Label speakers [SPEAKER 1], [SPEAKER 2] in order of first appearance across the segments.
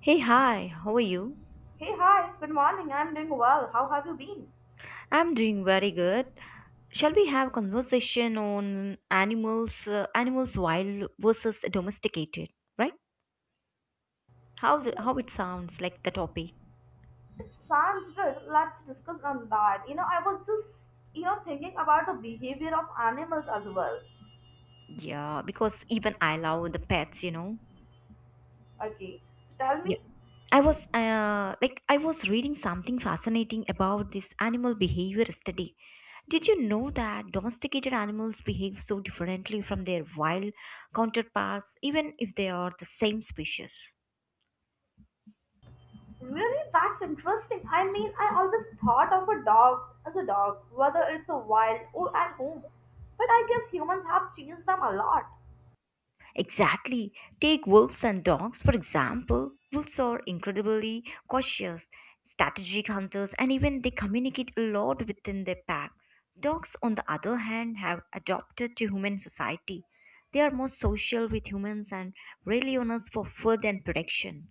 [SPEAKER 1] Hey, hi, how are you?
[SPEAKER 2] Hey, hi, good morning. I'm doing well. How have you been?
[SPEAKER 1] I'm doing very good. Shall we have a conversation on animals, animals wild versus domesticated, right?
[SPEAKER 2] Yeah,
[SPEAKER 1] How it sounds like the topic.
[SPEAKER 2] it sounds good. Let's discuss on that. You know, I was just, thinking about the behavior of animals as well.
[SPEAKER 1] Yeah, because even I love the pets, you know.
[SPEAKER 2] Okay, so tell
[SPEAKER 1] Yeah.
[SPEAKER 2] me.
[SPEAKER 1] I was like I was reading something fascinating about this animal behavior study. Did you know that domesticated animals behave so differently from their wild counterparts even if they are the same species?
[SPEAKER 2] Really, that's interesting. I mean, I always thought of a dog as a dog, whether it's a wild or at home. But I guess humans have changed them a lot.
[SPEAKER 1] Exactly. Take wolves and dogs, for example. Wolves are incredibly cautious, strategic hunters, and even they communicate a lot within their pack. Dogs, on the other hand, have adapted to human society. They are more social with humans and rely on us for food and protection.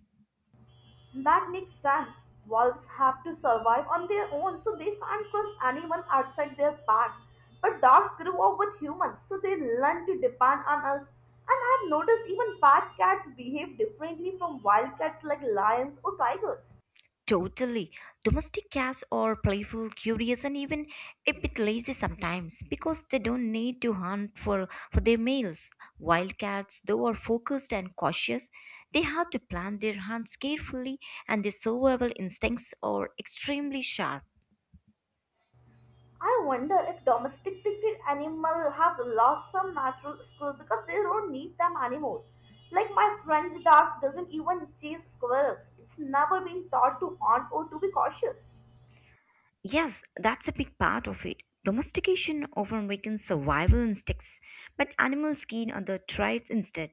[SPEAKER 2] That makes sense. Wolves have to survive on their own, so they can't trust anyone outside their pack. But dogs grew up with humans, so they learn to depend on us. And I've noticed even bad cats behave differently from wild cats like lions or tigers.
[SPEAKER 1] Totally. Domestic cats are playful, curious, and even a bit lazy sometimes because they don't need to hunt for their meals. Wild cats, though, are focused and cautious. They have to plan their hunts carefully, and their survival instincts are extremely sharp.
[SPEAKER 2] I wonder if domesticated animals have lost some natural skills because they don't need them anymore. Like my friend's dogs doesn't even chase squirrels. It's never been taught to hunt or to be cautious.
[SPEAKER 1] Yes, that's a big part of it. Domestication often weakens survival instincts, but animals gain other traits instead.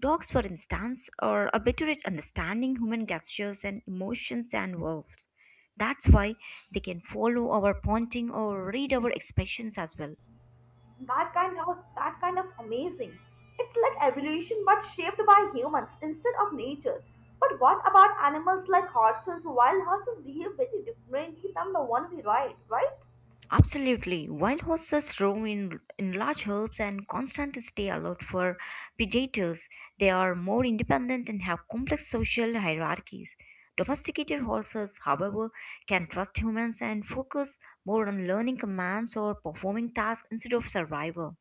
[SPEAKER 1] Dogs, for instance, are a better at understanding human gestures and emotions than wolves. That's why they can follow our pointing or read our expressions as well.
[SPEAKER 2] That kind of amazing. It's like evolution but shaped by humans instead of nature. But what about animals like horses? Wild horses behave very differently than the one we ride, right?
[SPEAKER 1] Absolutely. Wild horses roam in large herds and constantly stay alert for predators. They are more independent and have complex social hierarchies. Domesticated horses, however, can trust humans and focus more on learning commands or performing tasks instead of survival.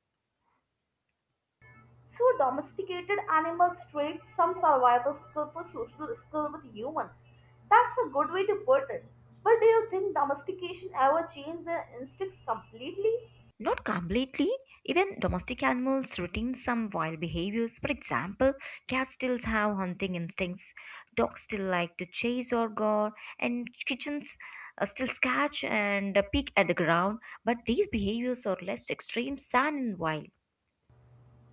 [SPEAKER 2] So domesticated animals trade some survival skill for social skill with humans. That's a good way to put it. But do you think domestication ever changed their instincts completely?
[SPEAKER 1] Not completely. Even domestic animals retain some wild behaviors. For example, cats still have hunting instincts, dogs still like to chase or gore, and kitchens still scratch and peek at the ground. But these behaviors are less extreme than in wild.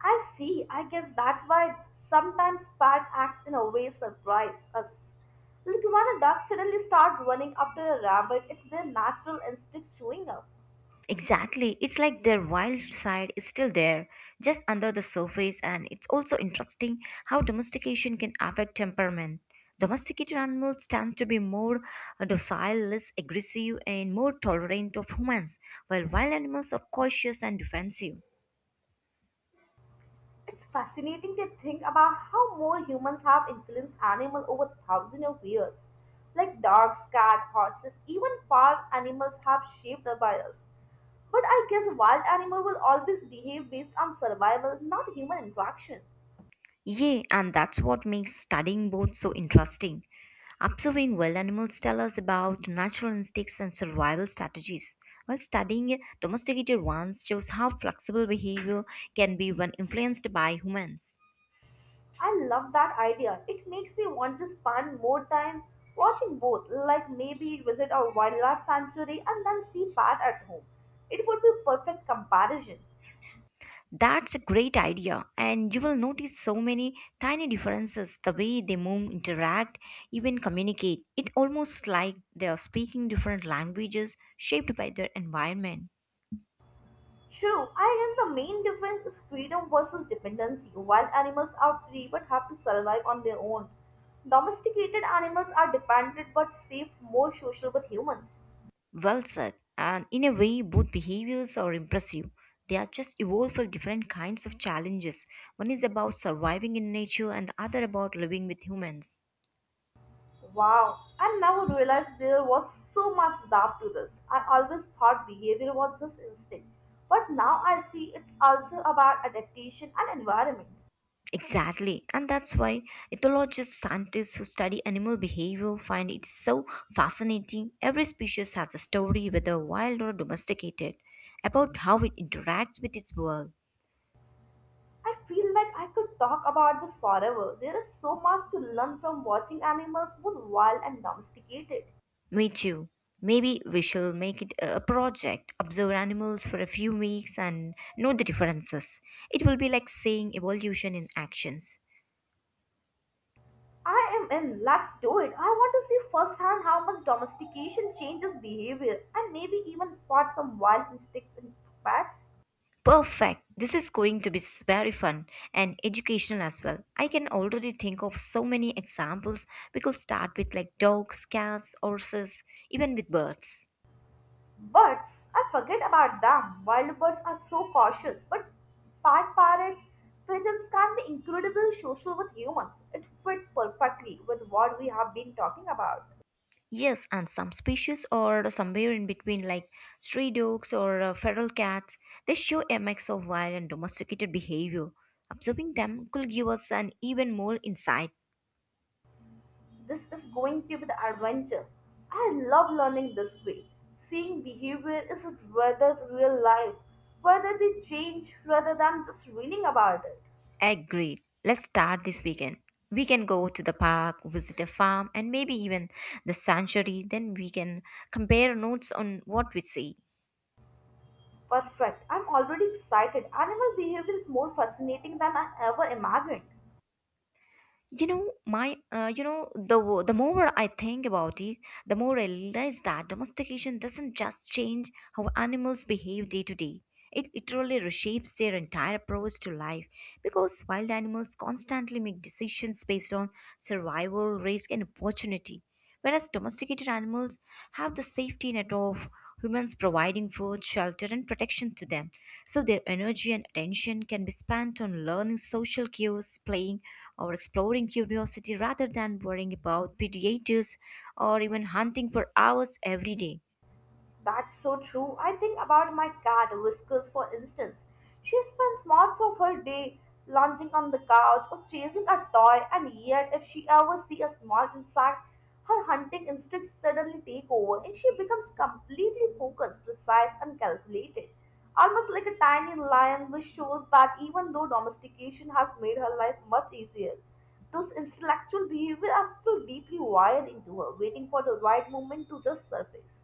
[SPEAKER 2] I see. I guess that's why sometimes Pat acts in a way surprise us. Like when a duck suddenly start running after a rabbit, it's their natural instinct showing up.
[SPEAKER 1] Exactly. It's like their wild side is still there, just under the surface, and it's also interesting how domestication can affect temperament. Domesticated animals tend to be more docile, less aggressive, and more tolerant of humans, while wild animals are cautious and defensive.
[SPEAKER 2] It's fascinating to think about how more humans have influenced animals over thousands of years. Like dogs, cats, horses, even farm animals have shaped up by us. But I guess wild animal will always behave based on survival, not human interaction.
[SPEAKER 1] Yeah, and that's what makes studying both so interesting. Observing wild animals tell us about natural instincts and survival strategies, while studying domesticated ones shows how flexible behavior can be when influenced by humans.
[SPEAKER 2] I love that idea. It makes me want to spend more time watching both, like maybe visit a wildlife sanctuary and then see bat at home. It would be perfect comparison.
[SPEAKER 1] That's a great idea, and you will notice so many tiny differences the way they move, interact, even communicate. It's almost like they are speaking different languages shaped by their environment.
[SPEAKER 2] True, I guess the main difference is freedom versus dependency. Wild animals are free but have to survive on their own. Domesticated animals are dependent but safe, more social with humans.
[SPEAKER 1] Well said. And in a way, both behaviors are impressive. They are just evolved for different kinds of challenges. One is about surviving in nature, and the other about living with humans.
[SPEAKER 2] Wow, I never realized there was so much depth to this. I always thought behavior was just instinct, but now I see it's also about adaptation and environment.
[SPEAKER 1] Exactly. And that's why ethologists, scientists who study animal behavior find it so fascinating. Every species has a story, whether wild or domesticated, about how it interacts with its world.
[SPEAKER 2] I feel like I could talk about this forever. There is so much to learn from watching animals, both wild and domesticated.
[SPEAKER 1] Me too. Maybe we shall make it a project, observe animals for a few weeks and note the differences. It will be like seeing evolution in actions.
[SPEAKER 2] I am in, let's do it. I want to see firsthand how much domestication changes behavior and maybe even spot some wild instincts in pets.
[SPEAKER 1] Perfect. This is going to be very fun and educational as well. I can already think of so many examples we could start with like dogs, cats, horses, even with birds.
[SPEAKER 2] Birds, I forget about them. Wild birds are so cautious, but park parrots, pigeons can be incredibly social with humans. It fits perfectly with what we have been talking about.
[SPEAKER 1] Yes, and some species are somewhere in between, like stray dogs or feral cats. They show a mix of wild and domesticated behavior. Observing them could give us an even more insight.
[SPEAKER 2] This is going to be the adventure. I love learning this way. Seeing behavior is rather real life, whether they change rather than just reading about it.
[SPEAKER 1] Agreed. Let's start this weekend. We can go to the park, visit a farm, and maybe even the sanctuary. Then we can compare notes on what we see.
[SPEAKER 2] Perfect. I'm already excited. Animal behavior is more fascinating than I ever imagined.
[SPEAKER 1] You know my you know the wo- the more I think about it, the more I realize that domestication doesn't just change how animals behave day to day. It literally reshapes their entire approach to life, because wild animals constantly make decisions based on survival risk and opportunity, whereas domesticated animals have the safety net of humans providing food shelter and protection to them, so their energy and attention can be spent on learning social cues playing or exploring curiosity rather than worrying about predators or even hunting for hours every day.
[SPEAKER 2] That's so true. I think about my cat, Whiskers, for instance. She spends most of her day lounging on the couch or chasing a toy, and yet, if she ever sees a small insect, her hunting instincts suddenly take over and she becomes completely focused, precise, and calculated. Almost like a tiny lion, which shows that even though domestication has made her life much easier, those intellectual behaviors are still deeply wired into her, waiting for the right moment to just surface.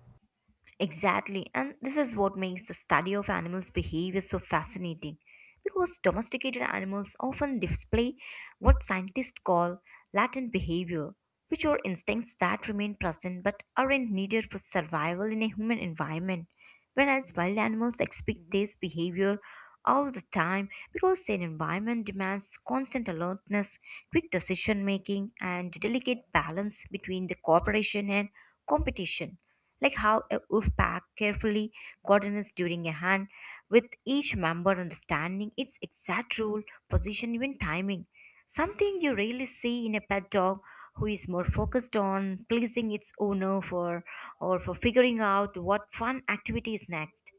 [SPEAKER 1] Exactly, and this is what makes the study of animals' behavior so fascinating because domesticated animals often display what scientists call latent behavior, which are instincts that remain present but aren't needed for survival in a human environment. Whereas wild animals expect this behavior all the time because their environment demands constant alertness, quick decision making, and delicate balance between the cooperation and competition like how a wolf pack carefully coordinates during a hunt, with each member understanding its exact role, position, even timing. Something you rarely see in a pet dog who is more focused on pleasing its owner for figuring out what fun activity is next.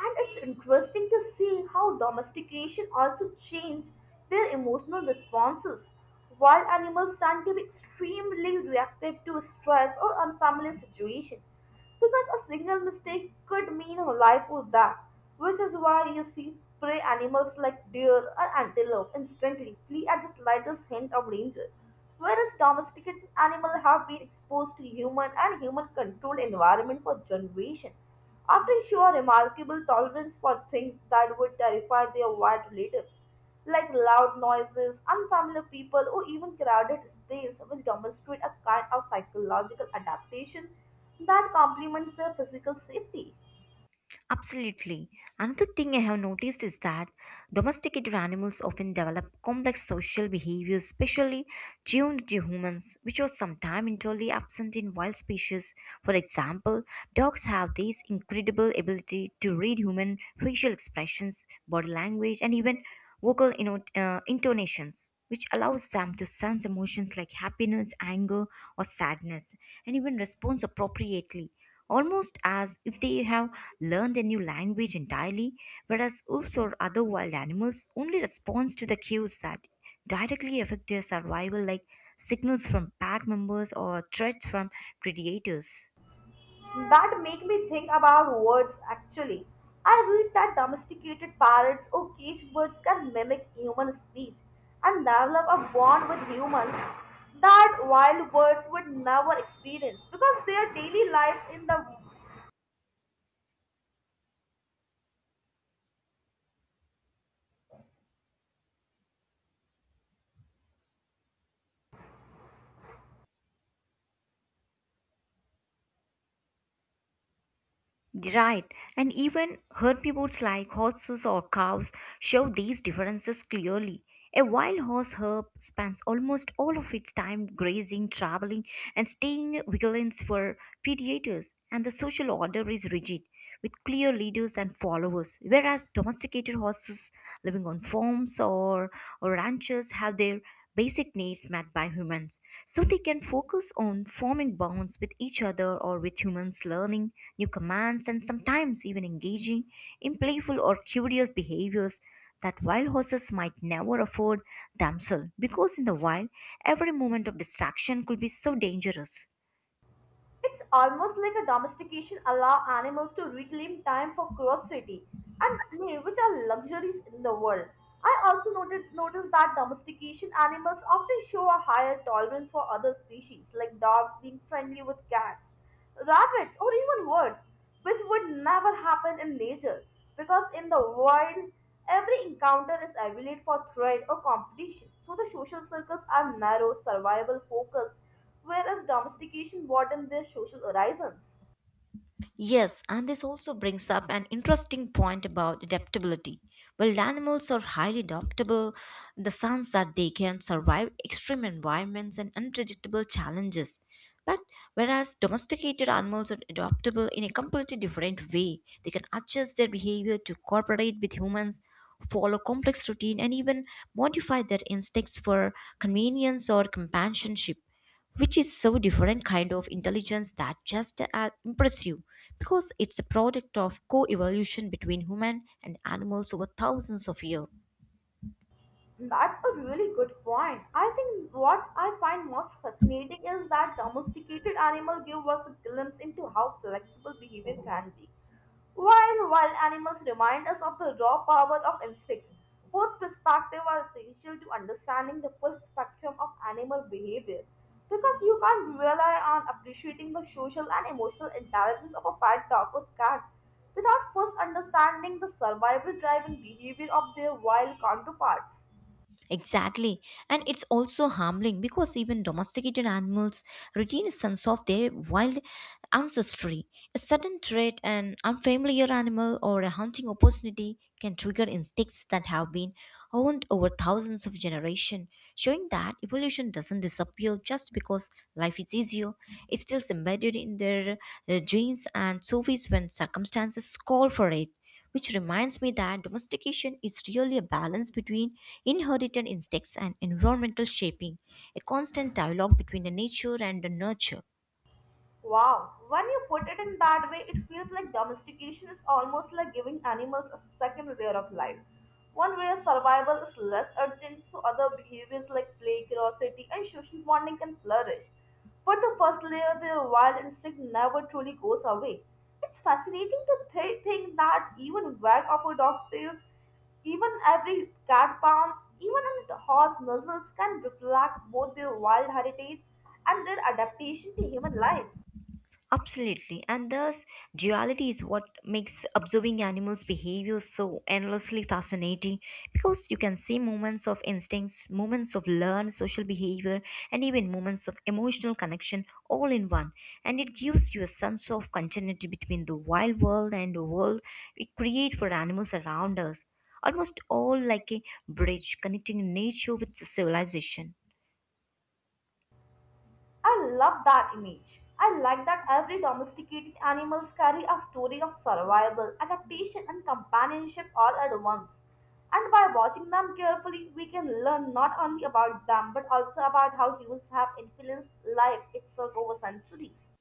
[SPEAKER 2] And it's interesting to see how domestication also changed their emotional responses. Wild animals tend to be extremely reactive to stress or unfamiliar situations because a single mistake could mean life or death, which is why you see prey animals like deer or antelope instantly flee at the slightest hint of danger, whereas domesticated animals have been exposed to human and human-controlled environment for generations. Often show a remarkable tolerance for things that would terrify their white relatives, like loud noises, unfamiliar people, or even crowded space, which demonstrate a kind of psychological adaptation that complements their physical safety.
[SPEAKER 1] Absolutely. Another thing I have noticed is that domesticated animals often develop complex social behaviors, especially tuned to humans, which was sometimes entirely absent in wild species. For example, dogs have this incredible ability to read human facial expressions, body language, and even vocal intonations. Which allows them to sense emotions like happiness, anger, or sadness, and even respond appropriately, almost as if they have learn the new language entirely, whereas wolves or other wild animals only respond to the cues that directly affect their survival, like signals from pack members or threats from predators.
[SPEAKER 2] That make me think about words actually. I read that domesticated parrots or cage birds can mimic human speech and develop a bond with humans that wild birds would never experience because their daily lives in the
[SPEAKER 1] Right, and even herbivores like horses or cows show these differences clearly. A wild horse herb spends almost all of its time grazing, traveling, and staying vigilant for predators, and the social order is rigid, with clear leaders and followers. Whereas domesticated horses living on farms or ranches have their basic needs met by humans so they can focus on forming bonds with each other or with humans learning new commands and sometimes even engaging in playful or curious behaviors that wild horses might never afford themselves because in the wild every moment of distraction could be so dangerous.
[SPEAKER 2] It's almost like a domestication allow animals to reclaim time for curiosity and play, which are luxuries in the world. I also noted noticed that domestication animals often show a higher tolerance for other species, like dogs being friendly with cats, rabbits, or even birds, which would never happen in nature, because in the wild, every encounter is evaluated for threat or competition. So the social circles are narrow, survival focused, where is domestication broadened their social horizons?
[SPEAKER 1] Yes, and this also brings up an interesting point about adaptability. While animals are highly adaptable, in the sense that they can survive extreme environments and unpredictable challenges. But whereas domesticated animals are adaptable in a completely different way, they can adjust their behavior to cooperate with humans, follow complex routine, and even modify their instincts for convenience or companionship, which is so different kind of intelligence that just as impressive because it's a product of co-evolution between human and animals over thousands of years.
[SPEAKER 2] That's a really good point. I think what I find most fascinating is that domesticated animals give us a glimpse into how flexible behavior can be. While wild animals remind us of the raw power of instincts, both perspectives are essential to understanding the full spectrum of animal behavior because you can't rely on appreciating the social and emotional intelligence of a pet dog or cat without first understanding the survival driven behavior of their wild counterparts.
[SPEAKER 1] Exactly. And it's also harming because even domesticated animals retain a sense of their wild ancestry. A sudden threat, an unfamiliar animal, or a hunting opportunity can trigger instincts that have been honed over thousands of generations, showing that evolution doesn't disappear just because life is easier. It's still embedded in their genes and surface when circumstances call for it, which reminds me that domestication is really a balance between inherited instincts and environmental shaping, a constant dialogue between the nature and the nurture.
[SPEAKER 2] Wow, when you put it in that way, it feels like domestication is almost like giving animals a second layer of life. One where survival is less urgent, so other behaviors like play, curiosity, and social bonding can flourish. But the first layer, their wild instinct, never truly goes away. It's fascinating to think that even wag of a dog tails, even every cat pounce, even a horse nuzzles can reflect both their wild heritage and their adaptation to human life.
[SPEAKER 1] Absolutely, and thus duality is what makes observing animals' behavior so endlessly fascinating because you can see moments of instincts, moments of learned social behavior, and even moments of emotional connection all in one. And it gives you a sense of continuity between the wild world and the world we create for animals around us, almost all like a bridge connecting nature with civilization.
[SPEAKER 2] I love that image. I like that every domesticated animals carry a story of survival, adaptation, and companionship all at once. And by watching them carefully, we can learn not only about them but also about how humans have influenced life itself over centuries.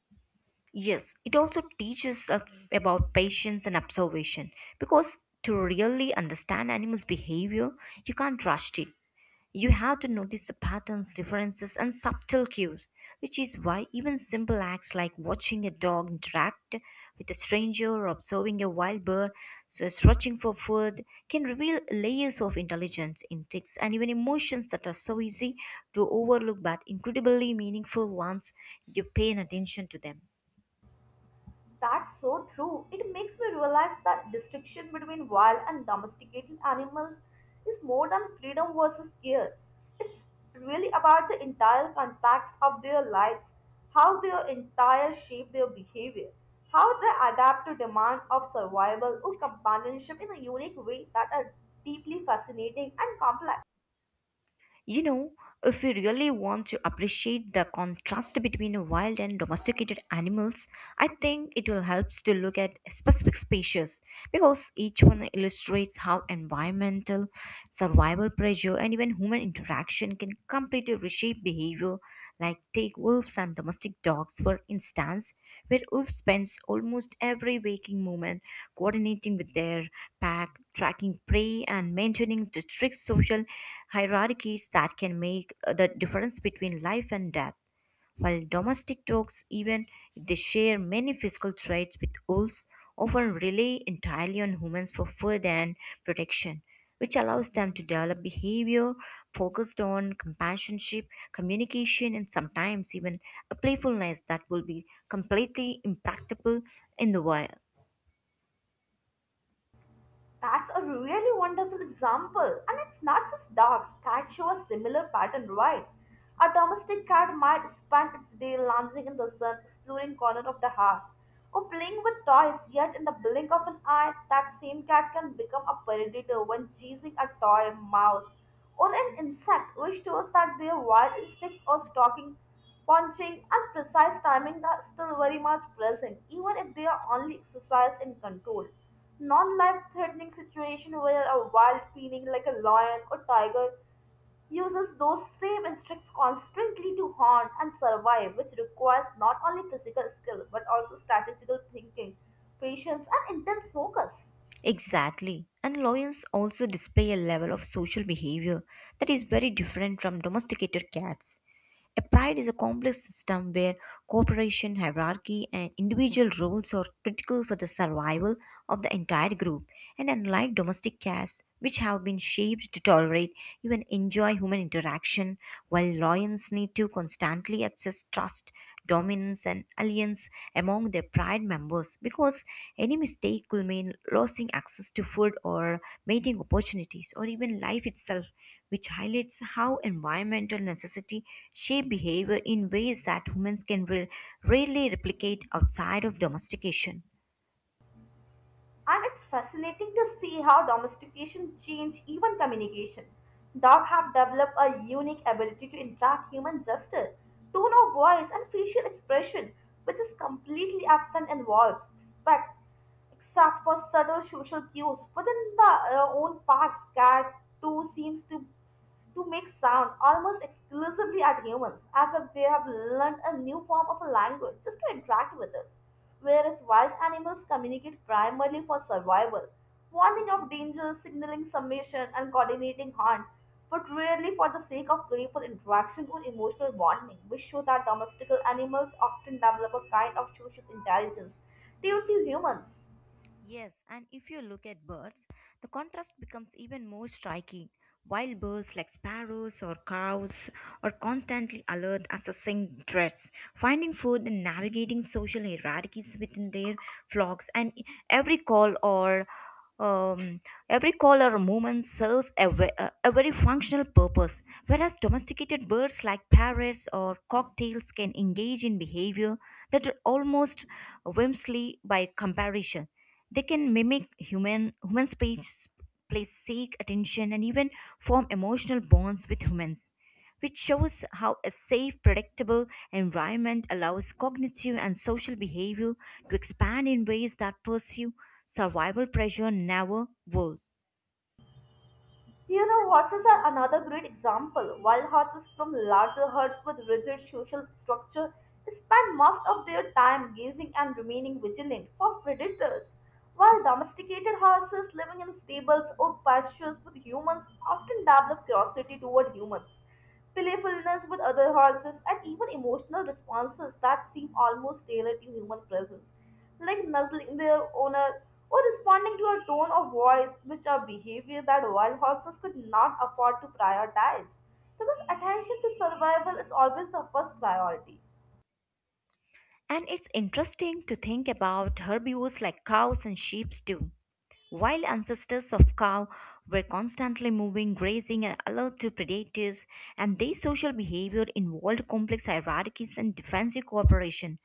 [SPEAKER 1] Yes, it also teaches us about patience and observation because to really understand animals' behavior, you can't rush it. You have to notice the patterns, differences, and subtle cues, which is why even simple acts like watching a dog interact with a stranger or observing a wild bird so searching for food can reveal layers of intelligence, instincts, and even emotions that are so easy to overlook but incredibly meaningful once you pay attention to them.
[SPEAKER 2] That's so true. It makes me realize that distinction between wild and domesticated animals is more than freedom versus care. It's really about the entire context of their lives, how their entire shape their behavior, how they adapt to demand of survival or companionship in a unique way that are deeply fascinating and complex.
[SPEAKER 1] You know, if we really want to appreciate the contrast between wild and domesticated animals, I think it will help to look at specific species because each one illustrates how environmental, survival pressure, and even human interaction can completely reshape behavior. Like, take wolves and domestic dogs, for instance, where wolves spends almost every waking moment coordinating with their pack tracking prey and maintaining the strict social hierarchies that can make the difference between life and death. While domestic dogs, even if they share many physical traits with wolves, often rely entirely on humans for food and protection, which allows them to develop behavior focused on companionship, communication, and sometimes even a playfulness that will be completely impractical in the wild.
[SPEAKER 2] That's a really wonderful example. And it's not just dogs, cats show a similar pattern, right? A domestic cat might spend its day lounging in the sun, exploring corner of the house, or playing with toys, yet in the blink of an eye, that same cat can become a predator when chasing a toy, mouse, or an insect, which shows that their wild instincts or stalking, punching, and precise timing are still very much present, even if they are only exercised in control non-life-threatening situation where a wild feeling like a lion or tiger uses those same instincts constantly to hunt and survive, which requires not only physical skill but also strategical thinking, patience, and intense focus.
[SPEAKER 1] Exactly. And lions also display a level of social behavior that is very different from domesticated cats. A pride is a complex system where cooperation, hierarchy, and individual roles are critical for the survival of the entire group. And unlike domestic cats, which have been shaped to tolerate even enjoy human interaction, while lions need to constantly access trust dominance and alliance among their pride members because any mistake could mean losing access to food or mating opportunities or even life itself, which highlights how environmental necessity shape behavior in ways that humans can rarely replicate outside of domestication.
[SPEAKER 2] And it's fascinating to see how domestication changed even communication. Dogs have developed a unique ability to interact human gesture, tone of voice, and facial expression, which is completely absent in wolves, except for subtle social cues within the own parks. Cat too seems to make sound almost exclusively at humans, as if they have learned a new form of a language just to interact with us. Whereas wild animals communicate primarily for survival, warning of danger, signaling submission, and coordinating hunt, but rarely for the sake of playful interaction or emotional bonding, which show that domesticated animals often develop a kind of social intelligence due to humans.
[SPEAKER 1] Yes, and if you look at birds, the contrast becomes even more striking. Wild birds like sparrows or crows are constantly alert, assessing threats, finding food, and navigating social hierarchies within their flocks. And every call or um, every call or movement serves a, ve- a very functional purpose. Whereas domesticated birds like parrots or cocktails can engage in behavior that are almost whimsy by comparison they can mimic human speech, place seek attention, and even form emotional bonds with humans, which shows how a safe, predictable environment allows cognitive and social behavior to expand in ways that pursue survival pressure never would.
[SPEAKER 2] You know, horses are another great example. Wild horses from larger herds with rigid social structure spend most of their time gazing and remaining vigilant for predators, while domesticated horses living in stables or pastures with humans often develop curiosity toward humans playfulness with other horses, and even emotional responses that seem almost tailored to human presence, like nuzzling their owner or responding to a tone of voice, which are behavior that wild horses could not afford to prioritize. Because attention to survival is always the first priority.
[SPEAKER 1] And it's interesting to think about herbivores like cows and sheep too. While ancestors of cow were constantly moving, grazing, and alert to predators, and their social behavior involved complex hierarchies and defensive cooperation,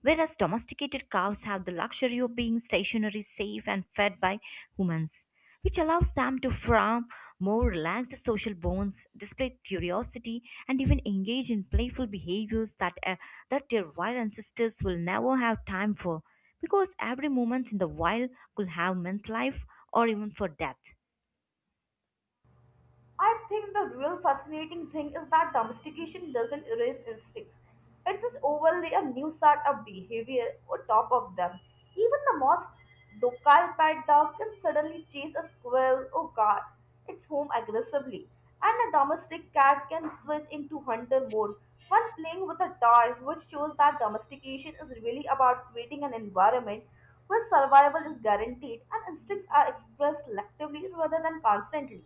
[SPEAKER 1] whereas domesticated cows have the luxury of being stationary, safe, and fed by humans, which allows them to form more relaxed social bonds, display curiosity, and even engage in playful behaviors that their wild ancestors will never have time for, because every moment in the wild could have meant life or even for death.
[SPEAKER 2] I think the real fascinating thing is that domestication doesn't erase instincts. It just overlay a new set of behavior on top of them. Even the most docile pet dog can suddenly chase a squirrel or guard its home aggressively. And a domestic cat can switch into hunter mode when playing with a toy, which shows that domestication is really about creating an environment where survival is guaranteed and instincts are expressed selectively rather than constantly.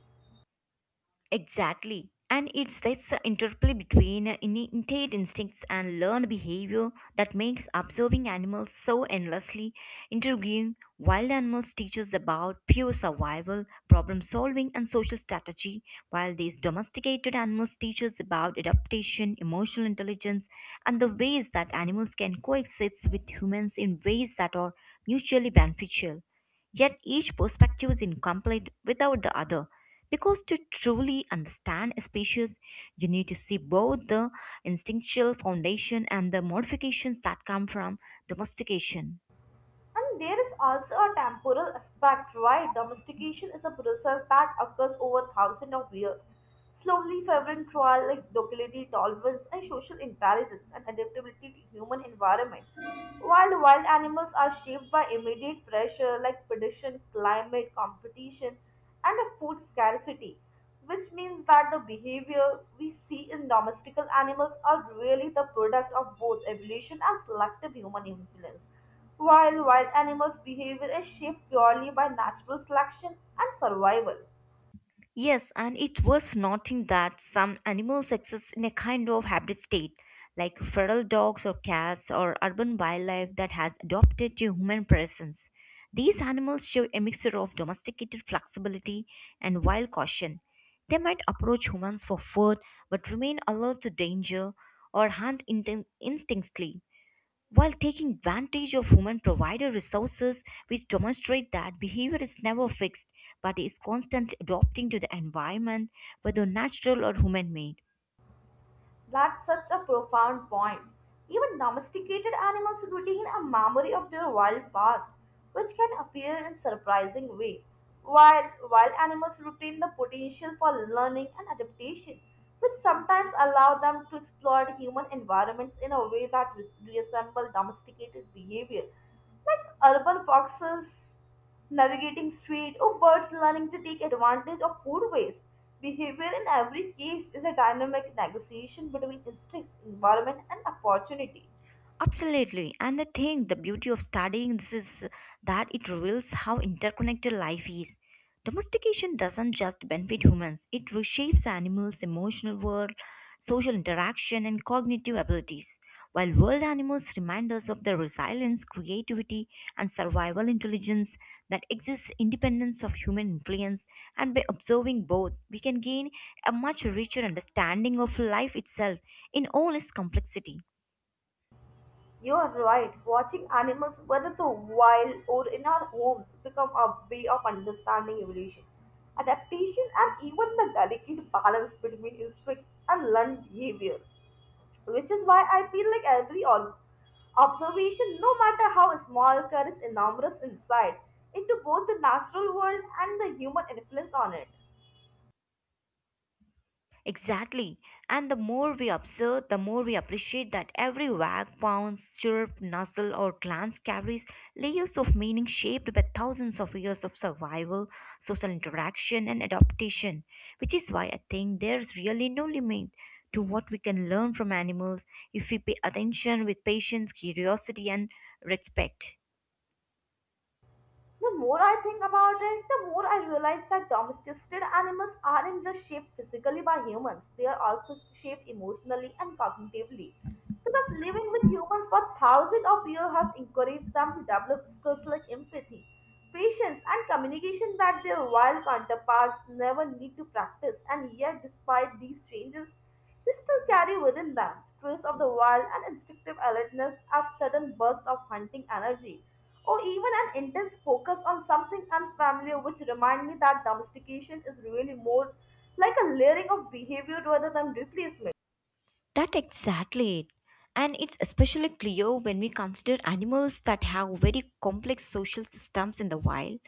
[SPEAKER 1] Exactly. And it's this interplay between innate instincts and learned behavior that makes observing animals so endlessly intriguing. Wild animals teach us about pure survival, problem solving, and social strategy, while these domesticated animals teach us about adaptation, emotional intelligence, and the ways that animals can coexist with humans in ways that are mutually beneficial. Yet each perspective is incomplete without the other. Because to truly understand a species, you need to see both the instinctual foundation and the modifications that come from domestication.
[SPEAKER 2] And there is also a temporal aspect, right? Domestication is a process that occurs over thousands of years, slowly favoring trial like locality, tolerance, and social intelligence and adaptability to human environment. While wild animals are shaped by immediate pressure like predation, climate, competition, and a food scarcity, which means that the behavior we see in domestical animals are really the product of both evolution and selective human influence. While wild animals' behavior is shaped purely by natural selection and survival.
[SPEAKER 1] Yes, and it was noting that some animals exist in a kind of hybrid state, like feral dogs or cats or urban wildlife that has adopted to human presence. These animals show a mixture of domesticated flexibility and wild caution. They might approach humans for food but remain alert to danger or hunt instinctively while taking advantage of women provided resources which demonstrate that behavior is never fixed but is constantly adapting to the environment whether natural or human made.
[SPEAKER 2] That's such a profound point. Even domesticated animals retain a memory of their wild past, which can appear in surprising way, while wild animals retain the potential for learning and adaptation, which sometimes allow them to exploit human environments in a way that resemble domesticated behavior. Like urban foxes navigating street or birds learning to take advantage of food waste. Behavior in every case is a dynamic negotiation between instincts, environment, and opportunity.
[SPEAKER 1] Absolutely. And the thing, the beauty of studying this is that it reveals how interconnected life is. Domestication doesn't just benefit humans, it reshapes animals' emotional world, social interaction, and cognitive abilities. While world animals remind us of the resilience, creativity, and survival intelligence that exists independence of human influence, and by observing both, we can gain a much richer understanding of life itself in all its complexity.
[SPEAKER 2] You are right. Watching animals, whether the wild or in our homes, become a way of understanding evolution, adaptation, and even the delicate balance between instincts and learned behavior, which is why I feel like every observation, no matter how small, carries enormous insight into both the natural world and the human influence on it.
[SPEAKER 1] Exactly. And the more we observe, the more we appreciate that every wag, pounce, chirp, nuzzle, or glance carries layers of meaning shaped by thousands of years of survival, social interaction, and adaptation. Which is why I think there's really no limit to what we can learn from animals if we pay attention with patience, curiosity, and respect.
[SPEAKER 2] The more I think about it, the more I realize that domesticated animals aren't just shaped physically by humans, they are also shaped emotionally and cognitively. Because living with humans for thousands of years has encouraged them to develop skills like empathy, patience, and communication that their wild counterparts never need to practice, and yet, despite these changes, they still carry within them traces of the wild and instinctive alertness as sudden bursts of hunting energy or even an intense focus on something unfamiliar, which remind me that domestication is really more like a layering of behavior rather than replacement.
[SPEAKER 1] That exactly it. And it's especially clear when we consider animals that have very complex social systems in the wild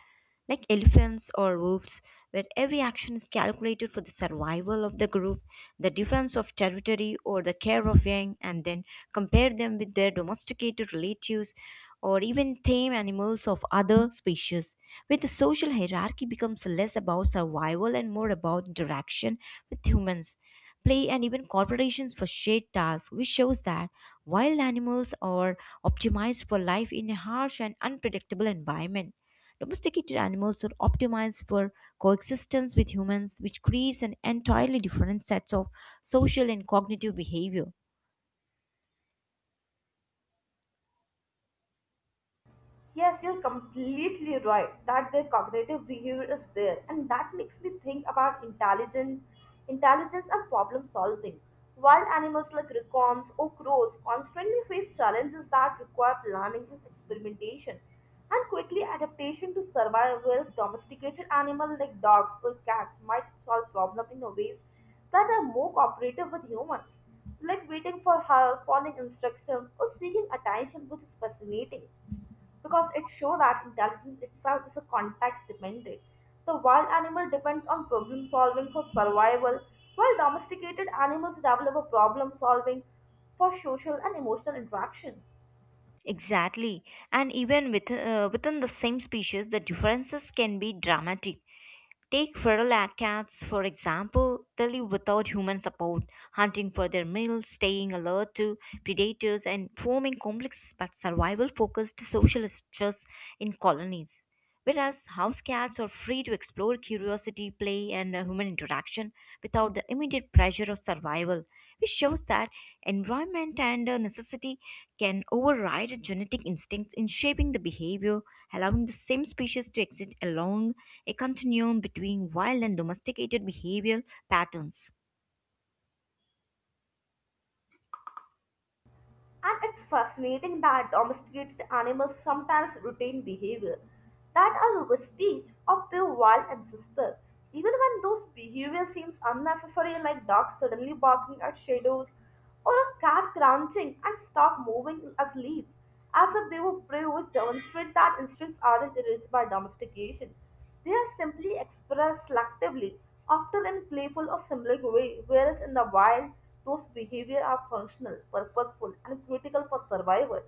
[SPEAKER 1] like elephants or wolves, where every action is calculated for the survival of the group, the defense of territory, or the care of young, and then compare them with their domesticated relatives or even tame animals of other species, where the social hierarchy becomes less about survival and more about interaction with humans. Play and even corporations for shared tasks, which shows that wild animals are optimized for life in a harsh and unpredictable environment. Domesticated animals are optimized for coexistence with humans, which creates an entirely different set of social and cognitive behavior.
[SPEAKER 2] Yes, you're completely right that their cognitive behavior is there, and that makes me think about intelligence, intelligence and problem solving. Wild animals like raccoons or crows constantly face challenges that require planning and experimentation, and quickly adaptation to survive. Whereas domesticated animals like dogs or cats might solve problems in ways that are more cooperative with humans, like waiting for help, following instructions, or seeking attention, which is fascinating because it shows that intelligence itself is a context dependent. The wild animal depends on problem solving for survival, while domesticated animals develop a problem solving for social and emotional interaction.
[SPEAKER 1] Exactly. And even within the same species, the differences can be dramatic. Take cats, for example, they live without human support, hunting for their meals, staying alert to predators, and forming complex but survival focused social structures in colonies. Whereas house cats are free to explore curiosity, play, and human interaction without the immediate pressure of survival, which shows that environment and necessity can override genetic instincts in shaping the behavior, allowing the same species to exist along a continuum between wild and domesticated behavioral patterns.
[SPEAKER 2] And it's fascinating that domesticated animals sometimes retain behavior that are vestige of their wild ancestor. Even when those behavior seems unnecessary, like dogs suddenly barking at shadows or a cat crouching and stop moving as leaves, as if they were prey, which demonstrate that instincts aren't erased by domestication. They are simply expressed selectively, often in playful or symbolic way, whereas in the wild, those behavior are functional, purposeful, and critical for survival.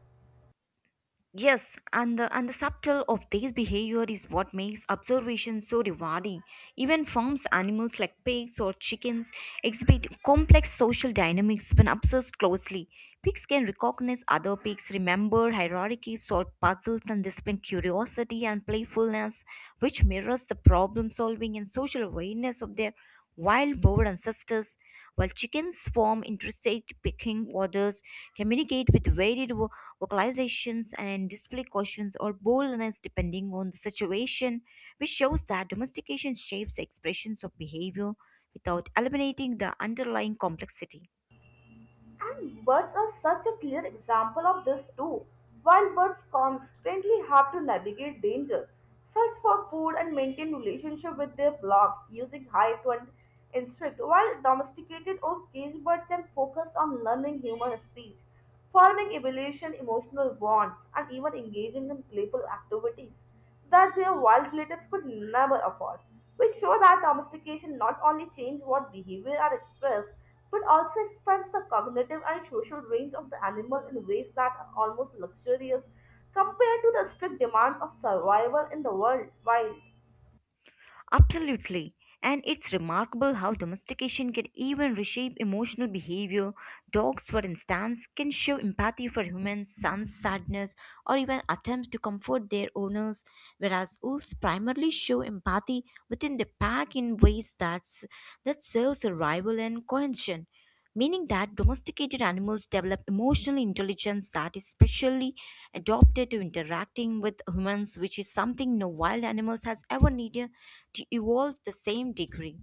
[SPEAKER 1] Yes, and the subtle of this behavior is what makes observation so rewarding. Even farms animals like pigs or chickens exhibit complex social dynamics when observed closely. Pigs can recognize other pigs, remember hierarchies, solve puzzles, and display curiosity and playfulness, which mirrors the problem solving and social awareness of their wild boar ancestors. While chickens form interstate pecking orders, communicate with varied vocalizations and display cautions or boldness depending on the situation, which shows that domestication shapes the expressions of behavior without eliminating the underlying complexity.
[SPEAKER 2] And birds are such a clear example of this too. Wild birds constantly have to navigate danger, search for food, and maintain relationship with their flocks using hive and instinct. While domesticated or caged birds can focus on learning human speech, forming evolution, emotional bonds, and even engaging in playful activities that their wild relatives could never afford, which show that domestication not only changes what behavior are expressed, but also expands the cognitive and social range of the animal in ways that are almost luxurious compared to the strict demands of survival in the world wild.
[SPEAKER 1] Absolutely. And it's remarkable how domestication can even reshape emotional behavior. Dogs, for instance, can show empathy for humans, sense sadness, or even attempts to comfort their owners, whereas wolves primarily show empathy within the pack in ways that serve survival and cohesion meaning that domesticated animals develop emotional intelligence that is specially adapted to interacting with humans, which is something no wild animals has ever needed to evolve the same degree.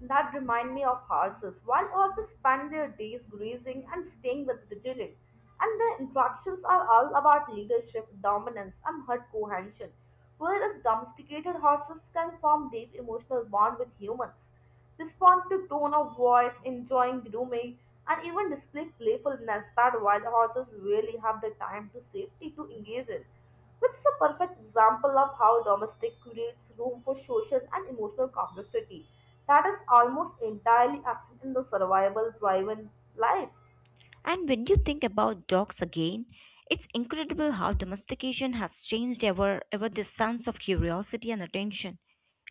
[SPEAKER 2] That remind me of horses. Wild horses spend their days grazing and staying with vigilant, and their interactions are all about leadership, dominance, and herd cohesion. Whereas domesticated horses can form deep emotional bond with humans, respond to tone of voice, enjoying grooming, and even display playfulness that wild horses rarely have the time to safety to engage in, which is a perfect example of how domestic creates room for social and emotional complexity that is almost entirely absent in the survival driven life.
[SPEAKER 1] And when you think about dogs again, it's incredible how domestication has changed ever this sense of curiosity and attention.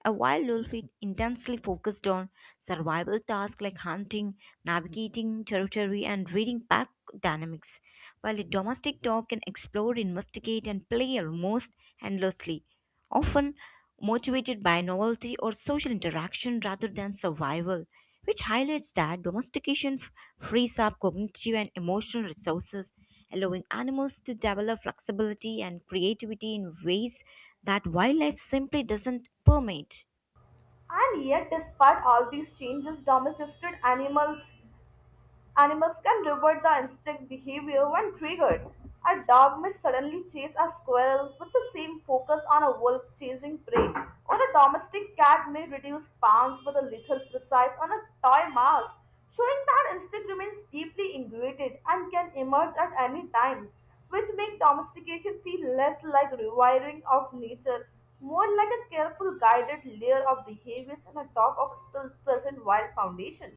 [SPEAKER 1] A wild wolf is intensely focused on survival tasks like hunting, navigating territory, and reading pack dynamics, while a domestic dog can explore, investigate, and play almost endlessly, often motivated by novelty or social interaction rather than survival which highlights that domestication frees up cognitive and emotional resources, allowing animals to develop flexibility and creativity in ways that wildlife simply doesn't permit.
[SPEAKER 2] And yet, despite all these changes, domesticated animals animals can revert the instinct behavior when triggered. A dog may suddenly chase a squirrel with the same focus on a wolf chasing prey, or a domestic cat may reduce pounds with a lethal precise on a toy mouse, showing that instinct remains deeply ingrained and can emerge at any time, which make domestication feel less like rewiring of nature, more like a careful guided layer of behaviors and a talk of still present wild foundation.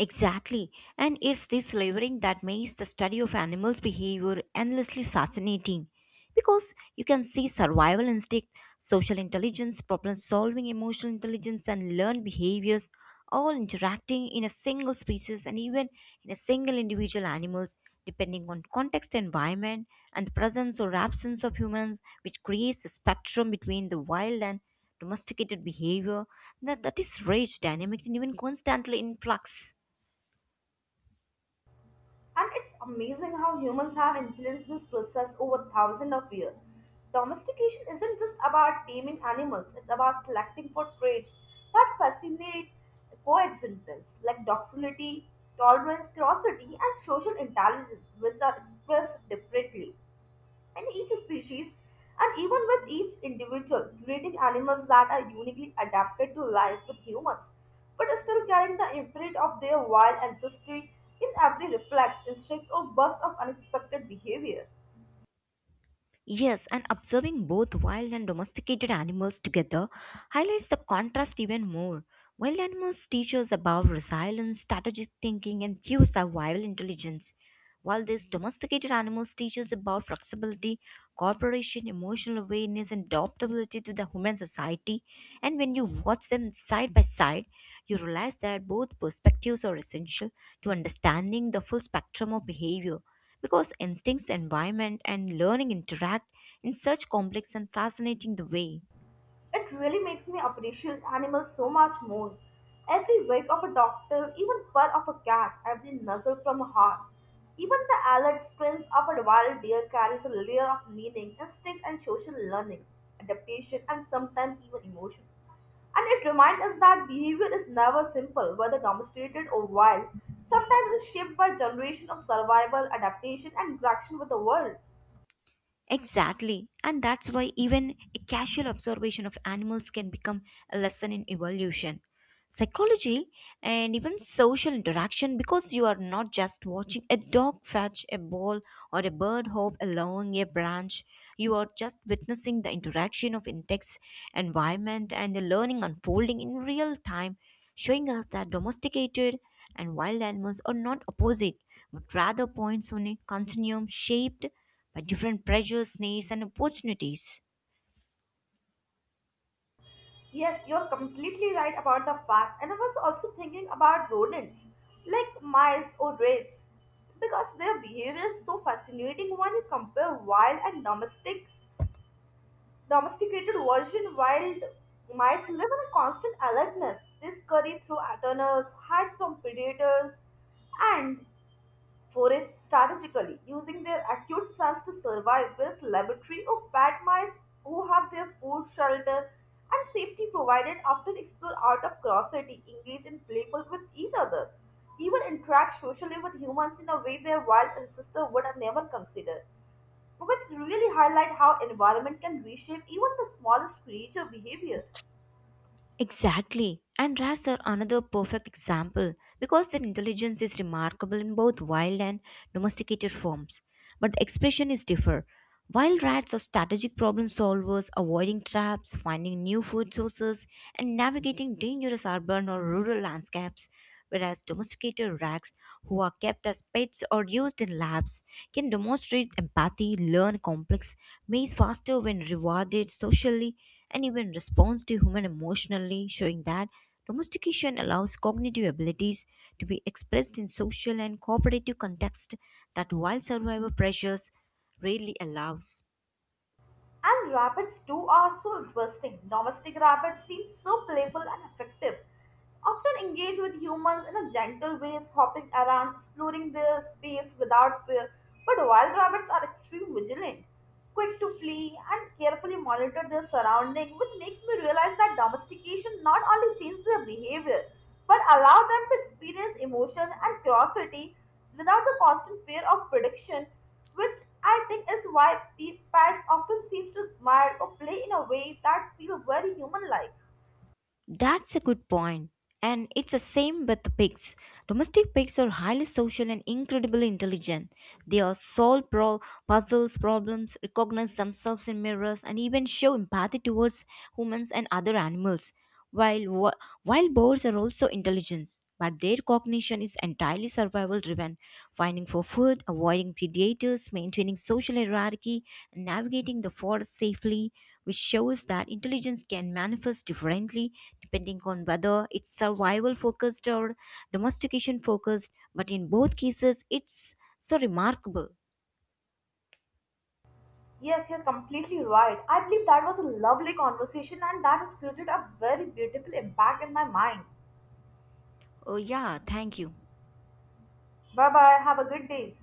[SPEAKER 1] Exactly. And it's this layering that makes the study of animals' behavior endlessly fascinating. Because you can see survival instinct, social intelligence, problem solving, emotional intelligence, and learned behaviors all interacting in a single species and even in a single individual animals, depending on context, environment, and the presence or absence of humans, which creates a spectrum between the wild and domesticated behavior that is rich, dynamic, and even constantly in flux.
[SPEAKER 2] And it's amazing how humans have influenced this process over thousands of years. Domestication isn't just about taming animals, it's about selecting for traits that fascinate coexistence, like docility, tolerance, curiosity, and social intelligence, which are expressed differently in each species and even with each individual, creating animals that are uniquely adapted to life with humans, but still carrying the imprint of their wild ancestry in every reflex, instinct, or burst of unexpected behavior.
[SPEAKER 1] Yes, and observing both wild and domesticated animals together highlights the contrast even more. Wild animals teach us about resilience, strategic thinking, and pure survival intelligence, while these domesticated animals teach us about flexibility, cooperation, emotional awareness, and adaptability to the human society. And when you watch them side by side, you realize that both perspectives are essential to understanding the full spectrum of behavior because instincts, environment, and learning interact in such complex and fascinating the way.
[SPEAKER 2] It really makes me appreciate animals so much more. Every wag of a doctor, even purr of a cat, every nuzzle from a horse, even the alert sprints of a wild deer carries a layer of meaning, instinct, and social learning, adaptation, and sometimes even emotion. And it reminds us that behavior is never simple, whether domesticated or wild. Sometimes it is shaped by generation of survival, adaptation, and interaction with the world.
[SPEAKER 1] Exactly, and that's why even a casual observation of animals can become a lesson in evolution, psychology, and even social interaction because you are not just watching a dog fetch a ball or a bird hop along a branch. You are just witnessing the interaction of insects, environment, and the learning unfolding in real time, showing us that domesticated and wild animals are not opposite but rather points on a continuum shaped by different pressures, needs, and opportunities.
[SPEAKER 2] Yes, you're completely right about the fact, and I was also thinking about rodents like mice or rats because their behavior is so fascinating when you compare wild and domesticated version. Wild mice live in a constant alertness. They scurry through tunnels, hide from predators, and forays strategically, using their acute sense to survive, whereas laboratory or bat mice who have their food, shelter, and safety provided often explore out of curiosity, engage in playful with each other, even interact socially with humans in a way their wild ancestors would have never considered, which really highlight how environment can reshape even the smallest creature behavior.
[SPEAKER 1] Exactly, and rats are another perfect example because their intelligence is remarkable in both wild and domesticated forms, but the expression is differ. Wild rats are strategic problem solvers, avoiding traps, finding new food sources, and navigating dangerous urban or rural landscapes, whereas domesticated rats, who are kept as pets or used in labs, can demonstrate empathy, learn complex maze faster when rewarded socially, and even responds to human emotionally, showing that domestication allows cognitive abilities to be expressed in social and cooperative context that wild survival pressures rarely allows.
[SPEAKER 2] And rabbits too are so interesting. Domestic rabbits seem so playful and effective. Often engage with humans in a gentle way, hopping around, exploring their space without fear. But wild rabbits are extremely vigilant, quick to flee, and carefully monitor their surroundings, which makes me realize that domestication not only changes their behavior, but allow them to experience emotion and curiosity without the constant fear of prediction, which I think is why parents often seem to smile or play in a way that feels very human-like.
[SPEAKER 1] That's a good point. And it's the same with the pigs. Domestic pigs are highly social and incredibly intelligent. They are solve puzzles, problems, recognize themselves in mirrors, and even show empathy towards humans and other animals. While wild boars are also intelligent, but their cognition is entirely survival driven, finding for food, avoiding predators, maintaining social hierarchy, and navigating the forest safely which shows that intelligence can manifest differently depending on whether it's survival focused or domestication focused, but in both cases, it's so remarkable.
[SPEAKER 2] Yes, you're completely right. I believe that was a lovely conversation and that has created a very beautiful impact in my mind.
[SPEAKER 1] Oh, yeah, thank you.
[SPEAKER 2] Bye bye. Have a good day.